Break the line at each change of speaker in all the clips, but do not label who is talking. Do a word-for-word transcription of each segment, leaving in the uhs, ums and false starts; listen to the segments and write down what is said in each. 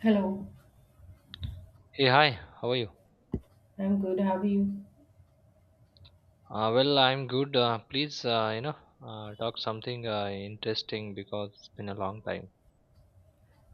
Hello,
Hey, hi, how are you?
I'm good. How are you?
Uh, well, I'm good. Uh, please, uh, you know, uh, talk something uh, interesting because it's been a long time.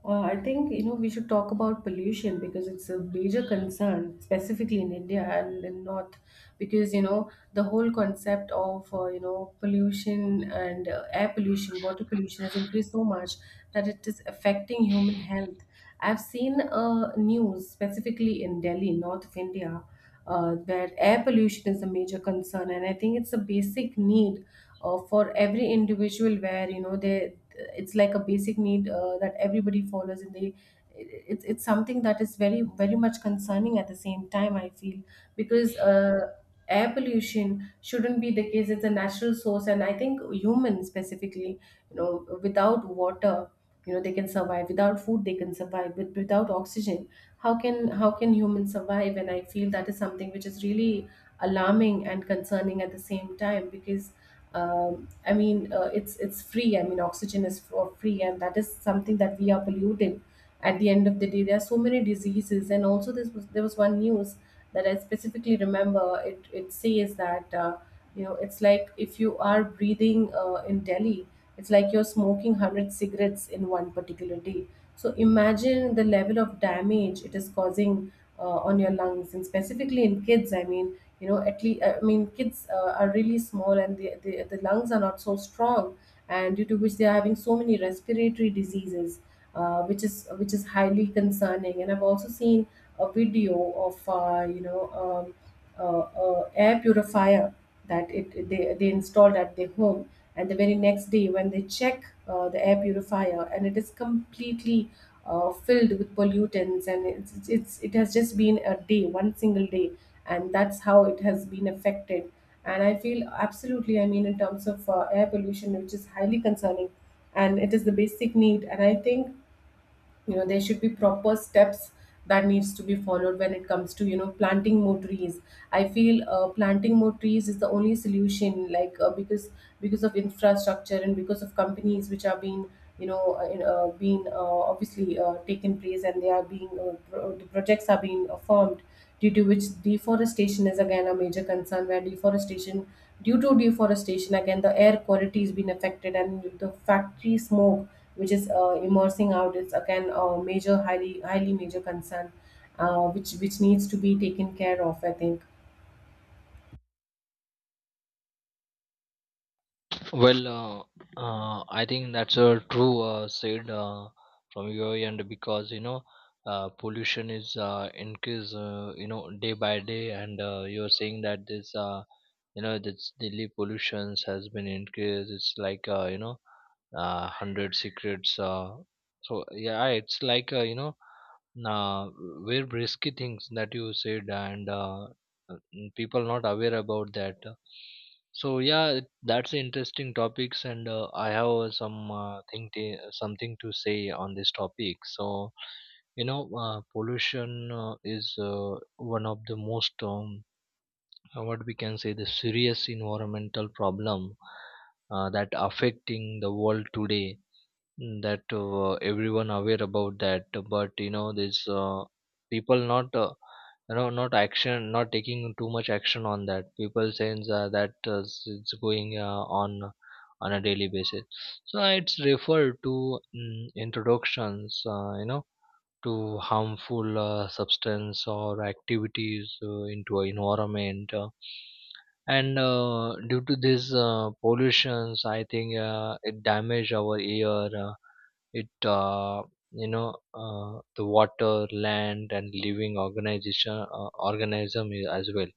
Uh, I think you know we should talk about pollution because it's a major concern, specifically in India and in North, because you know the whole concept of uh, you know pollution and uh, air pollution, water pollution has increased so much that it is affecting human health. I've seen uh, news specifically in Delhi, north of India, uh, where air pollution is a major concern, and I think it's a basic need uh, for every individual where you know they it's like a basic need uh, that everybody follows, and they it- it's it's something that is very very much concerning at the same time, I feel, because uh, air pollution shouldn't be the case. It's a natural source, and I think humans specifically, you know without water, you know they can survive, without food they can survive, but without oxygen, how can how can humans survive? And I feel that is something which is really alarming and concerning at the same time because um, I mean, uh, it's it's free. I mean, oxygen is for free, and that is something that we are polluting. At the end of the day, there are so many diseases, and also this was there was one news that I specifically remember. It it says that uh, you know it's like if you are breathing uh, in Delhi, it's like you're smoking hundred cigarettes in one particular day. So imagine the level of damage it is causing uh, on your lungs, and specifically in kids. I mean, you know, at least I mean, kids uh, are really small, and the, the the lungs are not so strong, and due to which they are having so many respiratory diseases uh, which is which is highly concerning. And I've also seen a video of uh, you know um, uh, uh, air purifier that it they, they installed at their home, and the very next day when they check uh, the air purifier, and it is completely uh, filled with pollutants, and it's, it's it's it has just been a day, one single day, and that's how it has been affected. And I feel absolutely, I mean, in terms of uh, air pollution, which is highly concerning, and it is the basic need. And I think, you know there should be proper steps that needs to be followed when it comes to, you know planting more trees. I feel uh, planting more trees is the only solution, like uh, because because of infrastructure and because of companies which are being you know uh, in- uh, being uh, obviously uh, taken place, and they are being uh, pro- the projects are being uh, formed, due to which deforestation is again a major concern, where deforestation due to deforestation again the air quality is being affected, and the factory smoke which is uh, immersing out is again a major, highly highly major concern, uh, which which needs to be taken care of, I think.
Well, uh, uh, I think that's a true uh, said uh, from your end because you know uh, pollution is uh, increase, uh, you know day by day, and uh, you're saying that this uh, you know this Delhi pollutions has been increased. It's like, uh, you know uh, hundred secrets. Uh, so yeah, it's like uh, you know uh, very risky things that you said, and uh, uh, people not aware about that. So yeah, it- that's interesting topics, and uh, I have some uh, thing, t- something to say on this topic. So you know uh, pollution uh, is uh, one of the most, um, uh, what we can say, the serious environmental problem uh, that affecting the world today. Mm, that uh, everyone aware about that, but you know this uh, people not, uh, you know not action, not taking too much action on that. People saying uh, that uh, s- it's going uh, on on a daily basis. So it's referred to mm introductions, uh, you know to harmful uh, substance or activities uh, into a environment, uh, and uh, due to this uh, pollutions I think uh, it damage our air, uh, it uh, you know uh, the water, land, and living organization, uh, organism, i- as well.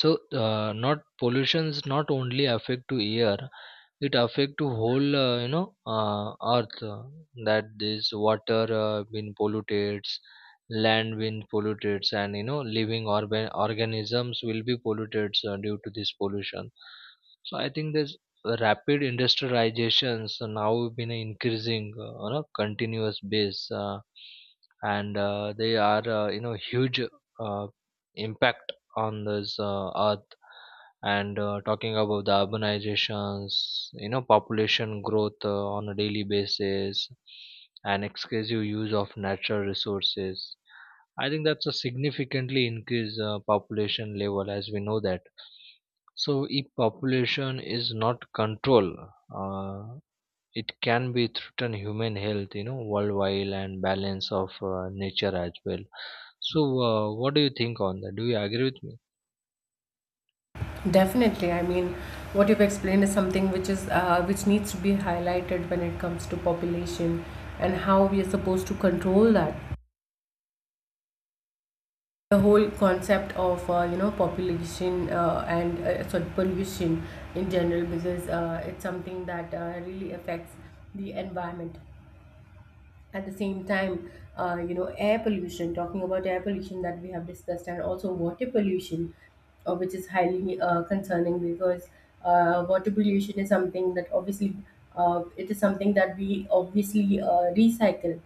So uh, not pollutions not only affect to air, it affect to whole, uh, you know uh, earth, uh, that this water uh, been polluted, land been polluted, and you know living organ- organisms will be polluted uh, due to this pollution. So I think this rapid industrializations uh, now been increasing uh, on a continuous base, uh, and uh, they are, uh, you know huge, uh, impact on this uh, earth. And uh, talking about the urbanizations, you know, population growth uh, on a daily basis, and excessive use of natural resources. I think that's a significantly increased uh, population level, as we know that. So if population is not controlled, uh, it can be threaten human health, you know, worldwide, and balance of uh, nature as well. So uh, what do you think on that? Do you agree with me?
Definitely. I mean, what you've explained is something which is uh, which needs to be highlighted when it comes to population and how we are supposed to control that. The whole concept of uh, you know population uh, and uh, sorry, pollution in general, because uh, it's something that uh, really affects the environment. At the same time, uh, you know air pollution, talking about air pollution that we have discussed, and also water pollution, uh, which is highly uh, concerning, because uh, water pollution is something that obviously, uh, it is something that we obviously uh, recycle.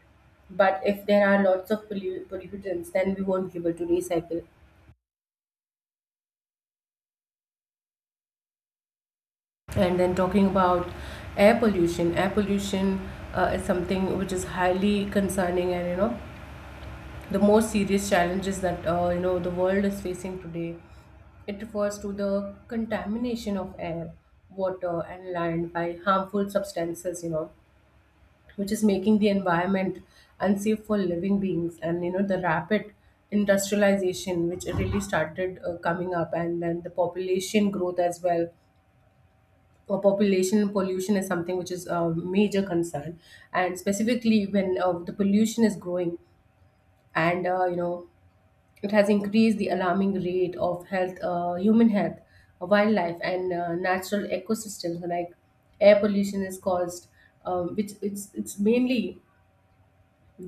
But if there are lots of pollu- pollutants, then we won't be able to recycle. And then talking about air pollution, air pollution uh, is something which is highly concerning, and you know the most serious challenges that uh, you know the world is facing today. It refers to the contamination of air, water, and land by harmful substances, you know, which is making the environment unsafe for living beings. And you know the rapid industrialization, which really started uh, coming up, and then the population growth as well. Uh, population pollution is something which is a major concern, and specifically when uh, the pollution is growing, and uh, you know it has increased the alarming rate of health, uh, human health, wildlife, and uh, natural ecosystems. Like air pollution is caused um, which it's it's mainly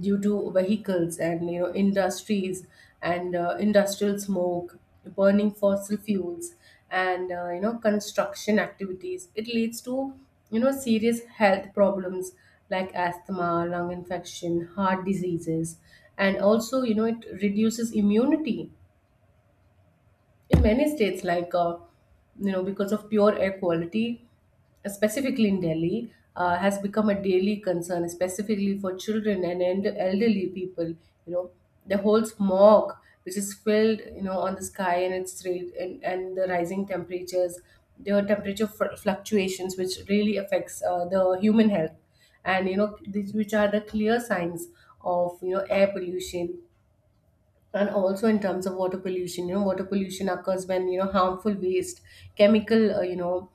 due to vehicles and you know industries, and uh, industrial smoke, burning fossil fuels, and uh, you know construction activities. It leads to you know serious health problems like asthma, lung infection, heart diseases, and also you know it reduces immunity in many states. Like uh, you know, because of pure air quality specifically in Delhi, uh, has become a daily concern, specifically for children and eld- elderly people. You know the whole smog which is filled you know on the sky, and its rate, and, and the rising temperatures, the temperature fl- fluctuations which really affects uh, the human health, and you know these which are the clear signs of you know air pollution. And also in terms of water pollution, you know water pollution occurs when you know harmful waste, chemical, uh, you know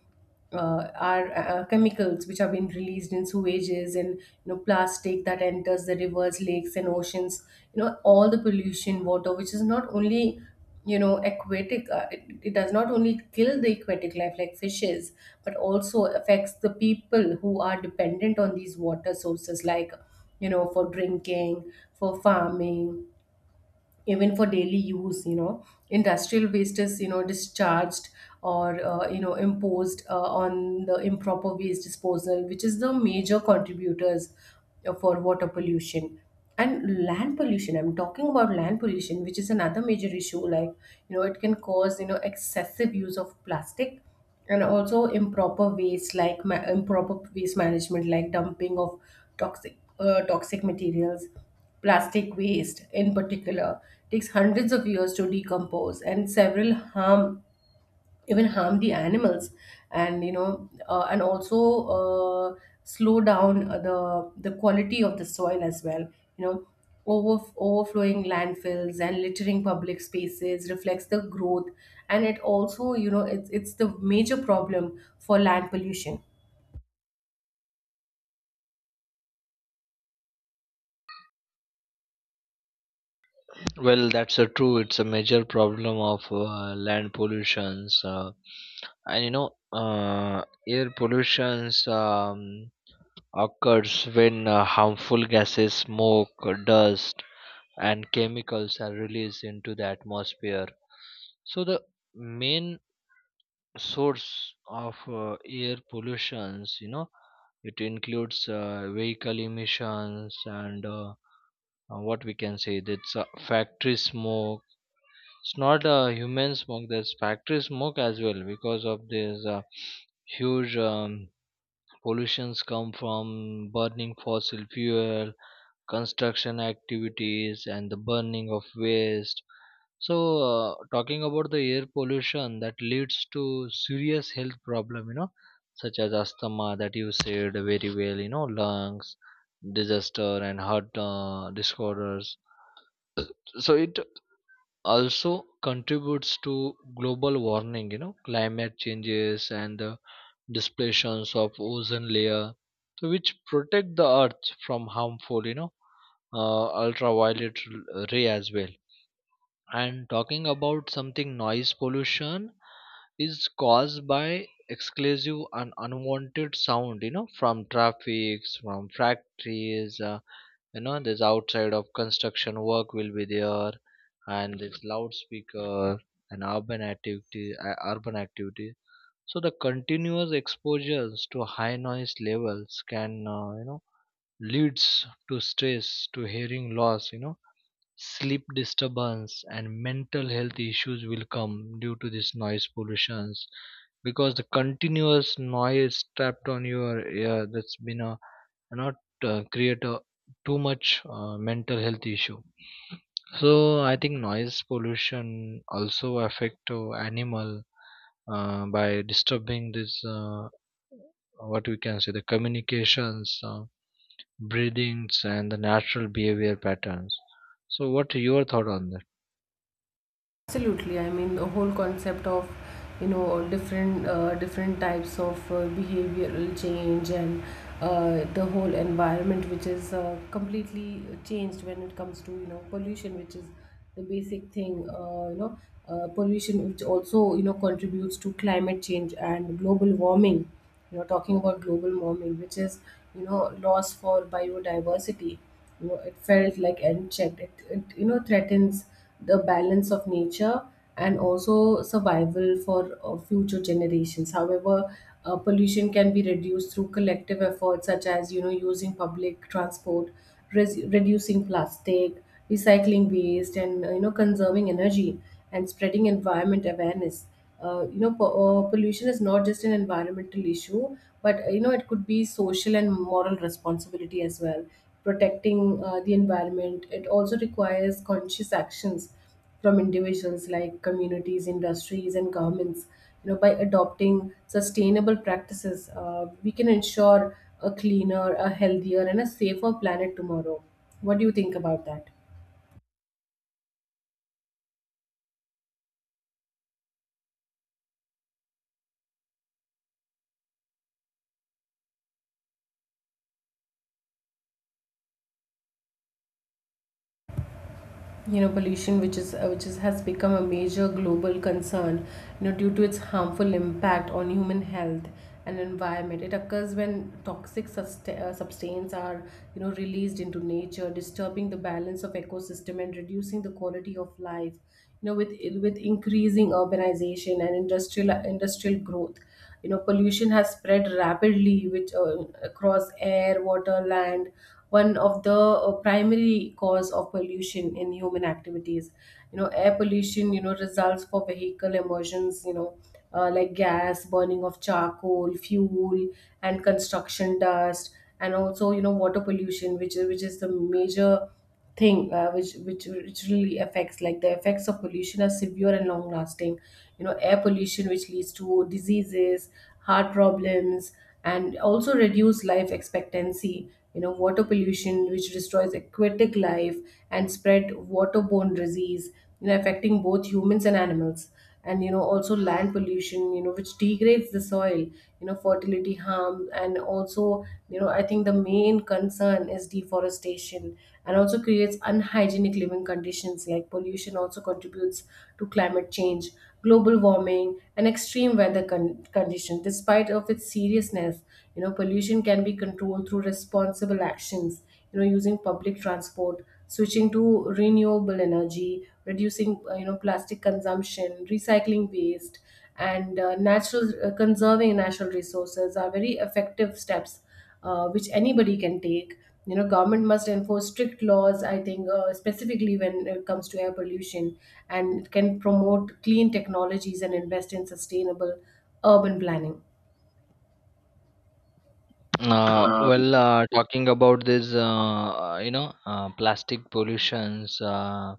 uh, are uh, chemicals which have been released in sewages, and you know plastic, that enters the rivers, lakes, and oceans. You know all the pollution water which is not only you know aquatic, uh, it, it does not only kill the aquatic life like fishes, but also affects the people who are dependent on these water sources, like you know for drinking, for farming, even for daily use. You know industrial waste is you know discharged, or uh, you know imposed uh, on the improper waste disposal, which is the major contributors uh, for water pollution. And land pollution, I'm talking about land pollution which is another major issue, like you know it can cause you know excessive use of plastic, and also improper waste, like ma- improper waste management, like dumping of toxic uh, toxic materials, plastic waste in particular, takes hundreds of years to decompose, and several harm, even harm the animals. And you know uh, and also uh, slow down uh, the the quality of the soil as well, you know over, overflowing landfills and littering public spaces reflects the growth, and it also you know it's, it's the major problem for land pollution.
Well, that's a true. It's a major problem of uh, land pollutions. Uh, and you know, uh, air pollutions um, occurs when uh, harmful gases, smoke, dust, and chemicals are released into the atmosphere. So the main source of uh, air pollutions, you know, it includes uh, vehicle emissions and uh, uh, what we can say that's uh, factory smoke. It's not uh, human smoke. There's factory smoke as well. Because of this uh, huge um, pollutions come from burning fossil fuel, construction activities, and the burning of waste. So, uh, talking about the air pollution that leads to serious health problem, you know, such as asthma that you said very well, you know, lungs disaster and heart uh, disorders. So it also contributes to global warming, you know, climate changes, and the displations of ozone layer, so which protect the earth from harmful, you know uh, ultraviolet r- ray as well. And talking about something, noise pollution is caused by exclusive and unwanted sound, you know, from traffics, from factories, uh, you know, this outside of construction work will be there, and this loudspeaker and urban activity uh, urban activity. So the continuous exposures to high noise levels can, uh, you know leads to stress, to hearing loss, you know, sleep disturbance, and mental health issues will come due to this noise pollutions. Because the continuous noise trapped on your ear, that's been a, and not, uh, create a too much uh, mental health issue. So I think noise pollution also affect uh, animal uh, by disturbing this, uh, what we can say, the communications, uh, breathings, and the natural behavior patterns. So what your thought on that?
Absolutely, I mean the whole concept of you know different uh, different types of uh, behavioral change, and uh, the whole environment which is uh, completely changed when it comes to you know pollution, which is the basic thing. Uh, you know uh, pollution, which also you know contributes to climate change and global warming. You know talking about global warming which is you know loss for biodiversity, you know it felt like unchecked, it, it you know threatens the balance of nature, and also survival for uh, future generations. However, uh, pollution can be reduced through collective efforts, such as you know using public transport, res- reducing plastic, recycling waste, and uh, you know conserving energy, and spreading environment awareness. Uh, you know po- uh, pollution is not just an environmental issue, but uh, you know it could be social and moral responsibility as well. Protecting uh, the environment, it also requires conscious actions from individuals, like communities, industries, and governments. You know by adopting sustainable practices, uh, we can ensure a cleaner, a healthier, and a safer planet tomorrow. What do you think about that? You know pollution, which is uh, which is, has become a major global concern, you know due to its harmful impact on human health and environment. It occurs when toxic sust- uh, substances are you know released into nature, disturbing the balance of ecosystem and reducing the quality of life. You know with with increasing urbanization and industrial industrial growth, you know pollution has spread rapidly, which uh, across air, water, land. One of the uh, primary cause of pollution in human activities, you know air pollution, you know results for vehicle emissions, you know uh, like gas, burning of charcoal fuel, and construction dust. And also you know water pollution which is which is the major thing, uh, which, which which really affects, like the effects of pollution are severe and long lasting. You know air pollution which leads to diseases, heart problems, and also reduce life expectancy. You know water pollution which destroys aquatic life and spread waterborne disease, you know affecting both humans and animals. And you know also land pollution, you know which degrades the soil, you know fertility harm, and also you know I think the main concern is deforestation, and also creates unhygienic living conditions. Like pollution also contributes to climate change, global warming, and extreme weather con- condition, despite of its seriousness. You know pollution can be controlled through responsible actions, you know using public transport, switching to renewable energy, reducing uh, you know plastic Consumption, recycling waste, and uh, natural uh, conserving natural resources are very effective steps uh, which anybody can take. You know, government must enforce strict laws. I think uh, specifically when it comes to air pollution, and can promote clean technologies and invest in sustainable urban planning.
Uh, well uh, talking about this, uh, you know uh, plastic pollutions uh,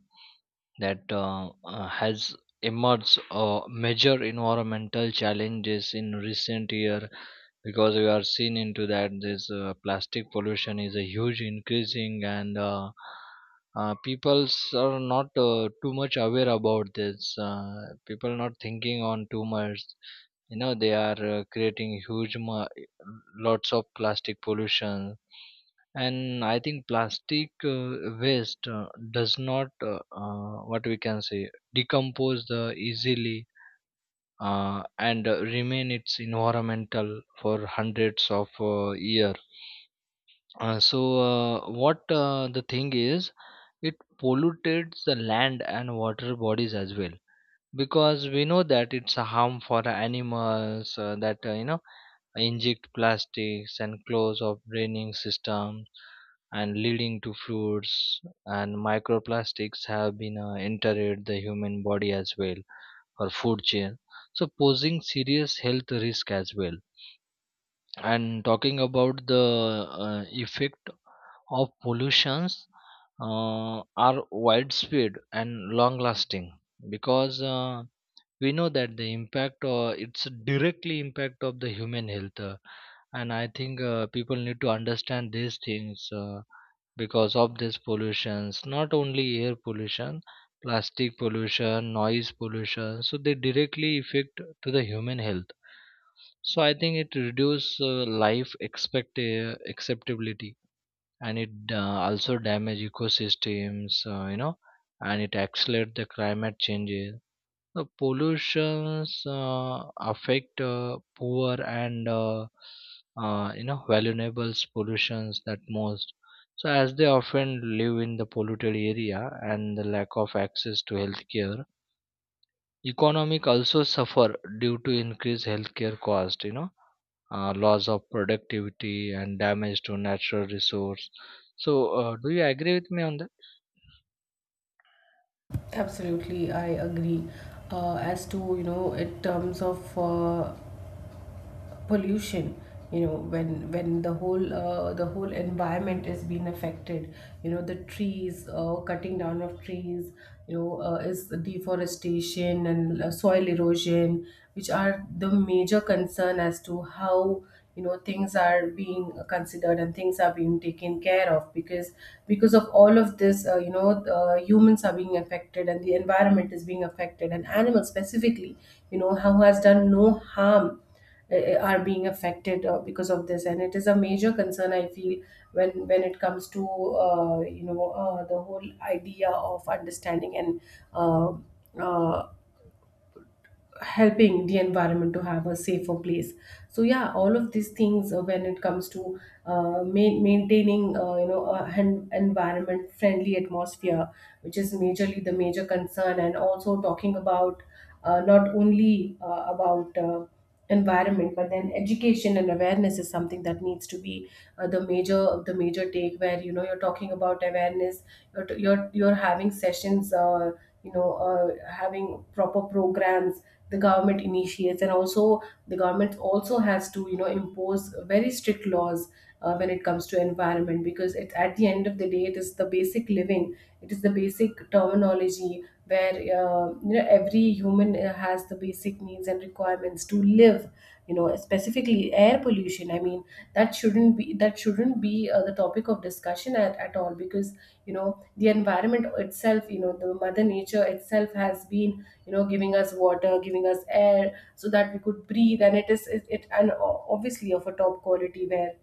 that uh, uh, has emerged uh, major environmental challenges in recent year. Because we are seen into that this uh, plastic pollution is a huge increasing, and uh, uh, peoples are not uh, too much aware about this. Uh, people not thinking on too much, you know, they are uh, creating huge, mu- lots of plastic pollution. And I think plastic uh, waste uh, does not, uh, uh, what we can say, decompose the easily, uh, and uh, remain its environmental for hundreds of uh, year. Uh, so uh, what uh, The thing is, it pollutes the land and water bodies as well. Because we know that it's a harm for the animals uh, that uh, you know, inject plastics and close of draining systems, and leading to fluids. And microplastics have been uh, entered the human body as well, or food chain, so posing serious health risk as well. And talking about the uh, effect of pollutions uh, are widespread and long lasting. Because uh, we know that the impact, or it's directly impact of the human health. Uh, and I think uh, people need to understand these things, uh, because of these pollutions, not only air pollution, plastic pollution, noise pollution, so they directly affect to the human health. So I think it reduce uh, life expect, uh, acceptability, and it uh, also damage ecosystems, uh, you know, and it accelerate the climate changes. The pollutions uh, affect uh, poor and, uh, uh, you know vulnerable pollutions that most. So as they often live in the polluted area and the lack of access to healthcare, economic also suffer due to increased healthcare cost. You know, uh, loss of productivity and damage to natural resource. So uh, do you agree with me on that?
Absolutely, I agree. Uh, as to you know, in terms of uh, pollution, you know, when when the whole uh, the whole environment is being affected, you know the trees, uh, cutting down of trees, you know, uh, is deforestation and uh, soil erosion, which are the major concern as to how you know things are being considered and things are being taken care of. because because of all of this, uh, you know, uh, humans are being affected and the environment is being affected, and animals specifically, you know, how has done no harm, eh, eh, are being affected uh, because of this. And it is a major concern, I feel, when when it comes to uh, you know, uh, the whole idea of understanding and uh, uh, helping the environment to have a safer place. So yeah, all of these things, uh, when it comes to uh, ma- maintaining uh, you know, a hen- environment friendly atmosphere, which is majorly the major concern. And also talking about uh, not only uh, about uh, environment, but then education and awareness is something that needs to be uh, the major, the major take, where you know you're talking about awareness, you're you're, you're having sessions, uh, you know, uh, having proper programs the government initiates, and also the government also has to, you know, impose very strict laws uh, when it comes to environment. Because it, at the end of the day, it is the basic living, it is the basic terminology where uh, you know every human uh, has the basic needs and requirements to live. You know specifically air pollution, I mean, that shouldn't be that shouldn't be uh, the topic of discussion at, at all. Because you know the environment itself, you know the mother nature itself has been, you know, giving us water, giving us air so that we could breathe. And it is, it, it and o- obviously of a top quality, where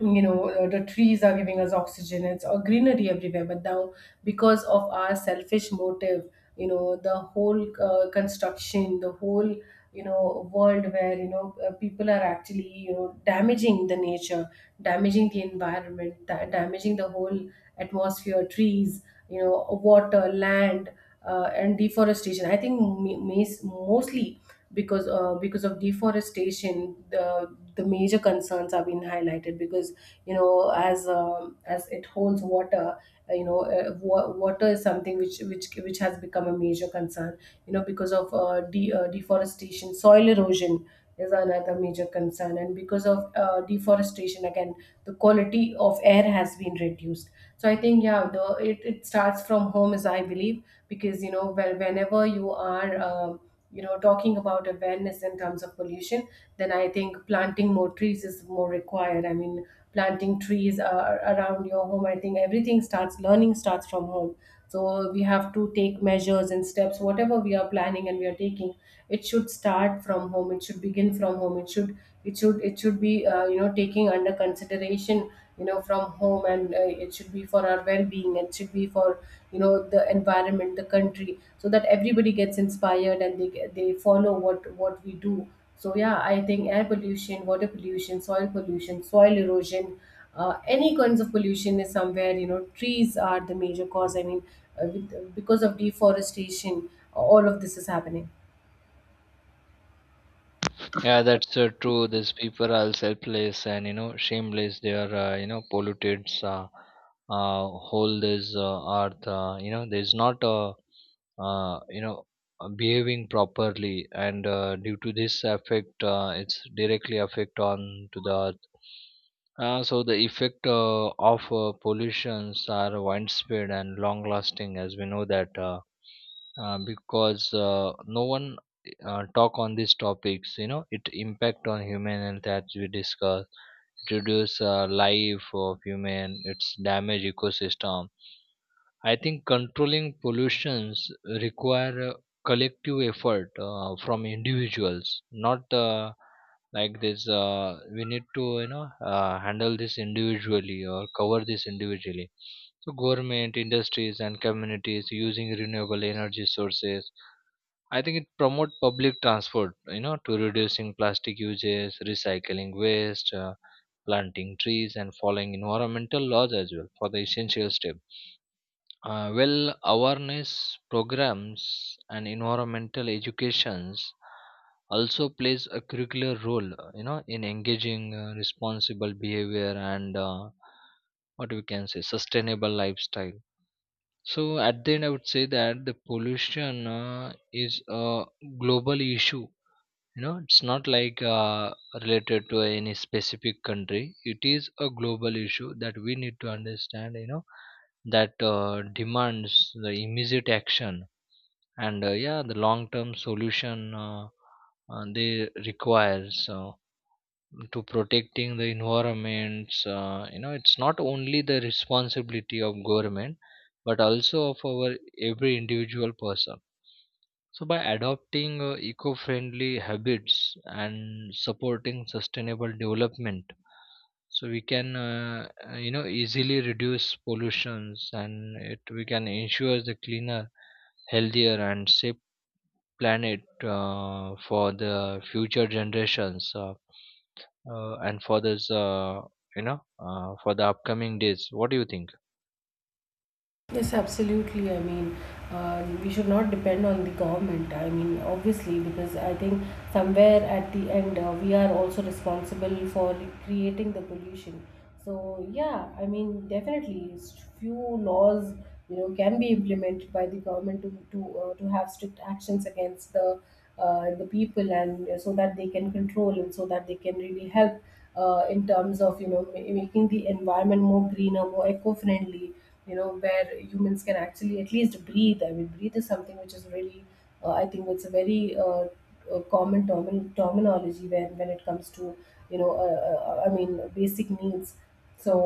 you know, uh, the trees are giving us oxygen, it's a greenery everywhere. But now because of our selfish motive, you know, the whole uh, construction, the whole, you know, world where you know, uh, people are actually, you know, damaging the nature, damaging the environment, da- damaging the whole atmosphere, trees, you know, water, land, uh, and deforestation. I think m- mostly because uh, because of deforestation, the the major concerns are being highlighted. Because you know as um, as it holds water, uh, you know, uh, wa- water is something which which which has become a major concern. You know, because of uh, de- uh, deforestation, soil erosion is another major concern. And because of uh, deforestation again, the quality of air has been reduced. So I think yeah, the it, it starts from home, as I believe. Because you know, well, whenever you are um, you know, talking about awareness in terms of pollution, then I think planting more trees is more required. I mean, planting trees uh, around your home, I think everything starts, learning starts from home. So we have to take measures and steps, whatever we are planning and we are taking, it should start from home, it should begin from home, it should it should it should be uh, you know, taking under consideration, you know, from home. And uh, it should be for our well-being, it should be for, you know, the environment, the country, so that everybody gets inspired and they get- they follow what what we do. So yeah, I think air pollution, water pollution, soil pollution, soil erosion, uh, any kinds of pollution is somewhere, you know, trees are the major cause. I mean, uh, with, because of deforestation, all of this is happening.
Yeah, that's uh, true. These people are selfless and you know shameless. They are, uh, you know, polluted Uh, uh, whole this uh, earth. Uh, you know, there's not, uh, uh, you know uh, behaving properly, and uh, due to this effect, uh, it's directly affect on to the earth. Uh, so the effect uh, of uh, pollutions are widespread and long lasting, as we know that. Uh, uh, because uh, no one uh, talk on these topics. You know, it impact on human health, as we discuss. It reduce uh, life of human, it's damage ecosystem. I think controlling pollutions require a collective effort uh, from individuals. Not uh, like this, uh, we need to, you know uh, handle this individually or cover this individually. So government, industries, and communities using renewable energy sources. I think it promote public transport, you know, to reducing plastic uses, recycling waste, uh, planting trees, and following environmental laws as well, for the essential step. Uh, well, awareness programs and environmental educations also plays a curricular role, uh, you know, in engaging uh, responsible behavior, and uh, what we can say sustainable lifestyle. So at the end, I would say that the pollution uh, is a global issue. You know, it's not like uh, related to any specific country. It is a global issue that we need to understand. You know, that uh, demands the immediate action, and uh, yeah, the long-term solution, uh, uh, they require. So to protecting the environments, uh, you know, it's not only the responsibility of government, but also of our every individual person. So by adopting uh, eco-friendly habits and supporting sustainable development, so we can, uh, uh, you know easily reduce pollutions, and it we can ensure the cleaner, healthier, and safe planet uh, for the future generations. Uh, uh, and for this uh, you know uh, For the upcoming days, what do you think?
Yes, absolutely. I mean, uh, we should not depend on the government. I mean, obviously, because I think somewhere at the end, uh, we are also responsible for creating the pollution. So yeah, I mean, definitely, s- few laws, you know, can be implemented by the government to to, uh, to have strict actions against the uh, the people. And uh, so that they can control, and so that they can really help uh, in terms of, you know, ma- making the environment more greener, more eco-friendly, you know, where humans can actually at least breathe. I mean, breathe is something which is really uh, I think it's a very uh, uh, common termin- terminology when when it comes to you know, uh, uh, uh, I mean basic needs. So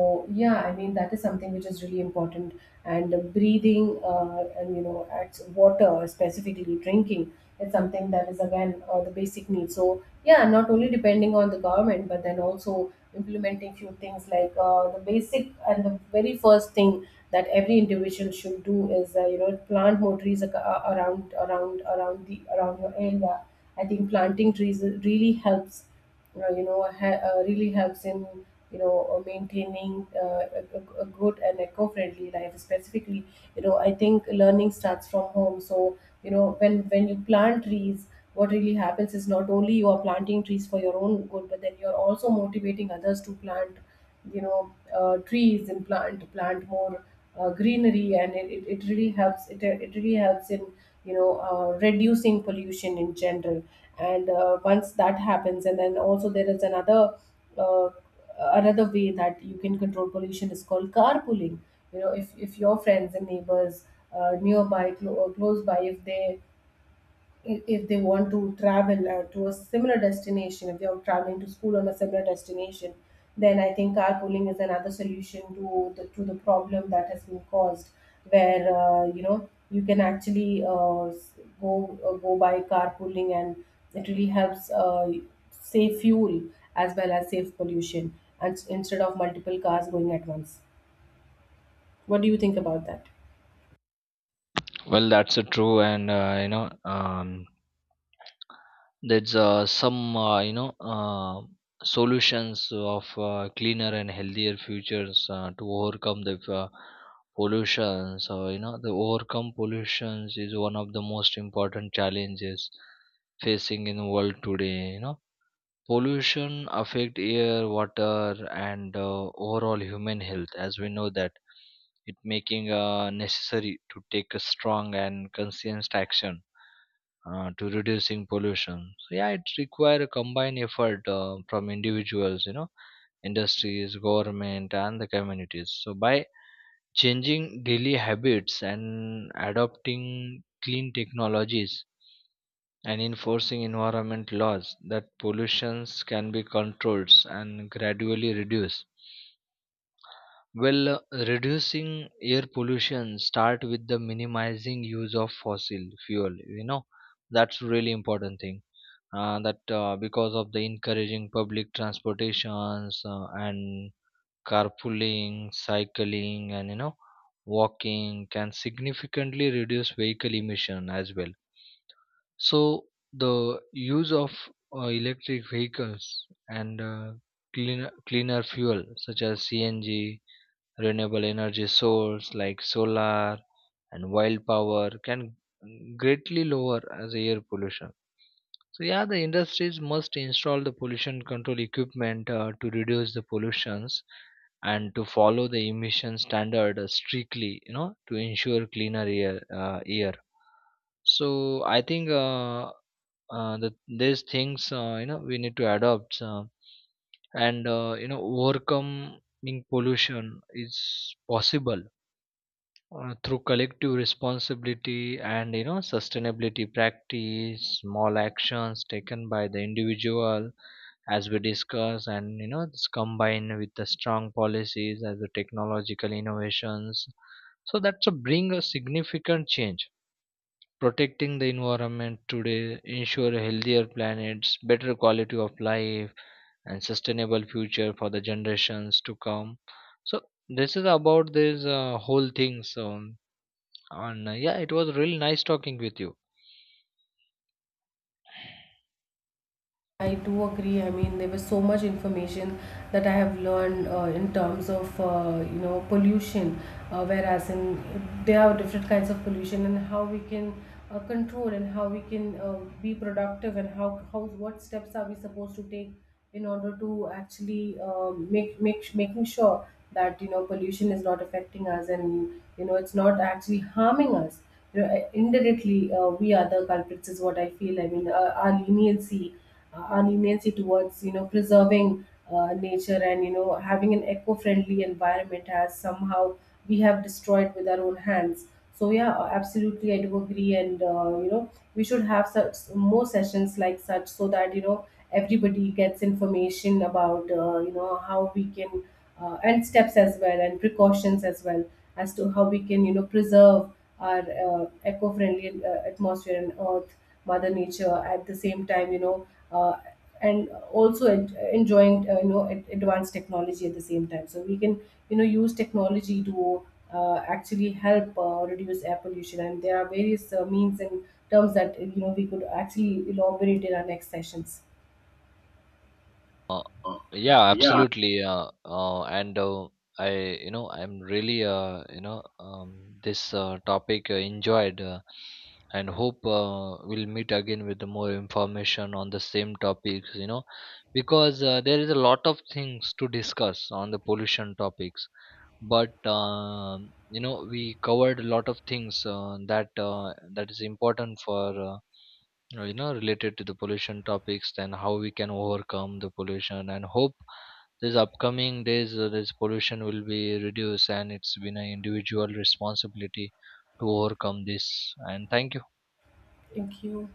yeah, I mean, that is something which is really important. And uh, breathing uh, and you know, at water, specifically drinking, is something that is again uh, the basic need. So yeah, not only depending on the government, but then also implementing few things, like uh, the basic and the very first thing that every individual should do is uh, you know, plant more trees, ac- uh, around around around the around your area. I think planting trees really helps, uh, you know, ha- uh, really helps in, you know, uh, maintaining uh, a, a a good and eco-friendly life, specifically. You know, I think learning starts from home. So you know, when when you plant trees, what really happens is, not only you are planting trees for your own good, but then you are also motivating others to plant, you know, uh, trees and plant plant more uh, greenery. And it, it, it really helps, it, it really helps in, you know, uh, reducing pollution in general. And uh, once that happens, and then also there is another uh, another way that you can control pollution is called carpooling. You know, if, if your friends and neighbors uh, nearby, clo- or close by, if they, if if they want to travel uh, to a similar destination, if they are traveling to school on a similar destination, then I think carpooling is another solution to the to the problem that has been caused, where uh, you know, you can actually uh, s- go uh, go by carpooling. And it really helps uh, save fuel as well as save pollution, and s- instead of multiple cars going at once. What do you think about that?
Well, that's a true. And uh, you know um, there's uh, some, uh, you know uh, solutions of uh, cleaner and healthier futures uh, to overcome the uh, pollution. So you know the overcome pollutions is one of the most important challenges facing in the world today. You know, pollution affect air, water, and uh, overall human health, as we know that. It making uh, necessary to take a strong and consistent action uh, to reducing pollution. So yeah, it require a combined effort uh, from individuals, you know, industries, government, and the communities. So by changing daily habits and adopting clean technologies and enforcing environment laws, that pollutions can be controlled and gradually reduced. well uh, Reducing air pollution start with the minimizing use of fossil fuel. You know, that's really important thing, uh, that uh, because of the encouraging public transportations, uh, and carpooling, cycling, and you know walking can significantly reduce vehicle emission as well. So the use of uh, electric vehicles and uh, cleaner cleaner fuel such as C N G, renewable energy source like solar and wild power, can greatly lower as air pollution. So yeah, the industries must install the pollution control equipment uh, to reduce the pollutions, and to follow the emission standard uh, strictly, you know, to ensure cleaner air. Uh, air so I think uh, uh, That there's things, uh, you know we need to adopt, uh, and uh, you know, overcoming pollution is possible uh, through collective responsibility, and you know sustainability practice. Small actions taken by the individual, as we discuss, and you know this combined with the strong policies as the technological innovations, so that's a bring a significant change, protecting the environment today, ensure healthier planets, better quality of life, and sustainable future for the generations to come. So this is about this uh, whole thing. So, and uh, yeah, it was really nice talking with you.
I do agree. I mean, there was so much information that I have learned uh, in terms of uh, you know, pollution, uh, whereas in, there are different kinds of pollution, and how we can uh, control, and how we can uh, be productive, and how how what steps are we supposed to take in order to actually um, make make making sure that you know pollution is not affecting us, and you know it's not actually harming us. You know, uh, indirectly, uh, we are the culprits is what I feel. I mean, uh, our leniency, uh, our leniency towards, you know, preserving uh, nature, and you know, having an eco-friendly environment, has somehow, we have destroyed with our own hands. So yeah, uh, absolutely, I do agree. And uh, you know, we should have such more sessions like such, so that you know everybody gets information about, uh, you know, how we can, uh, and steps as well, and precautions as well, as to how we can, you know, preserve our uh, eco-friendly uh, atmosphere and earth, mother nature at the same time. You know, uh, and also en- enjoying uh, you know, ad- advanced technology at the same time, so we can, you know, use technology to uh, actually help uh, reduce air pollution. And there are various uh, means and terms that you know we could actually elaborate in our next sessions.
Uh,
Uh,
yeah,
yeah,
absolutely. Uh, uh, and uh, I, you know, I'm really, uh, you know, um, this uh, topic uh, enjoyed, uh, and hope uh, we'll meet again with more information on the same topics. You know, because uh, there is a lot of things to discuss on the pollution topics, but um you know, we covered a lot of things uh, that uh, that is important for. Uh, uh, you know related to the pollution topics, then how we can overcome the pollution. And hope these upcoming days uh, this pollution will be reduced, and it's been an individual responsibility to overcome this. And thank you.
thank you.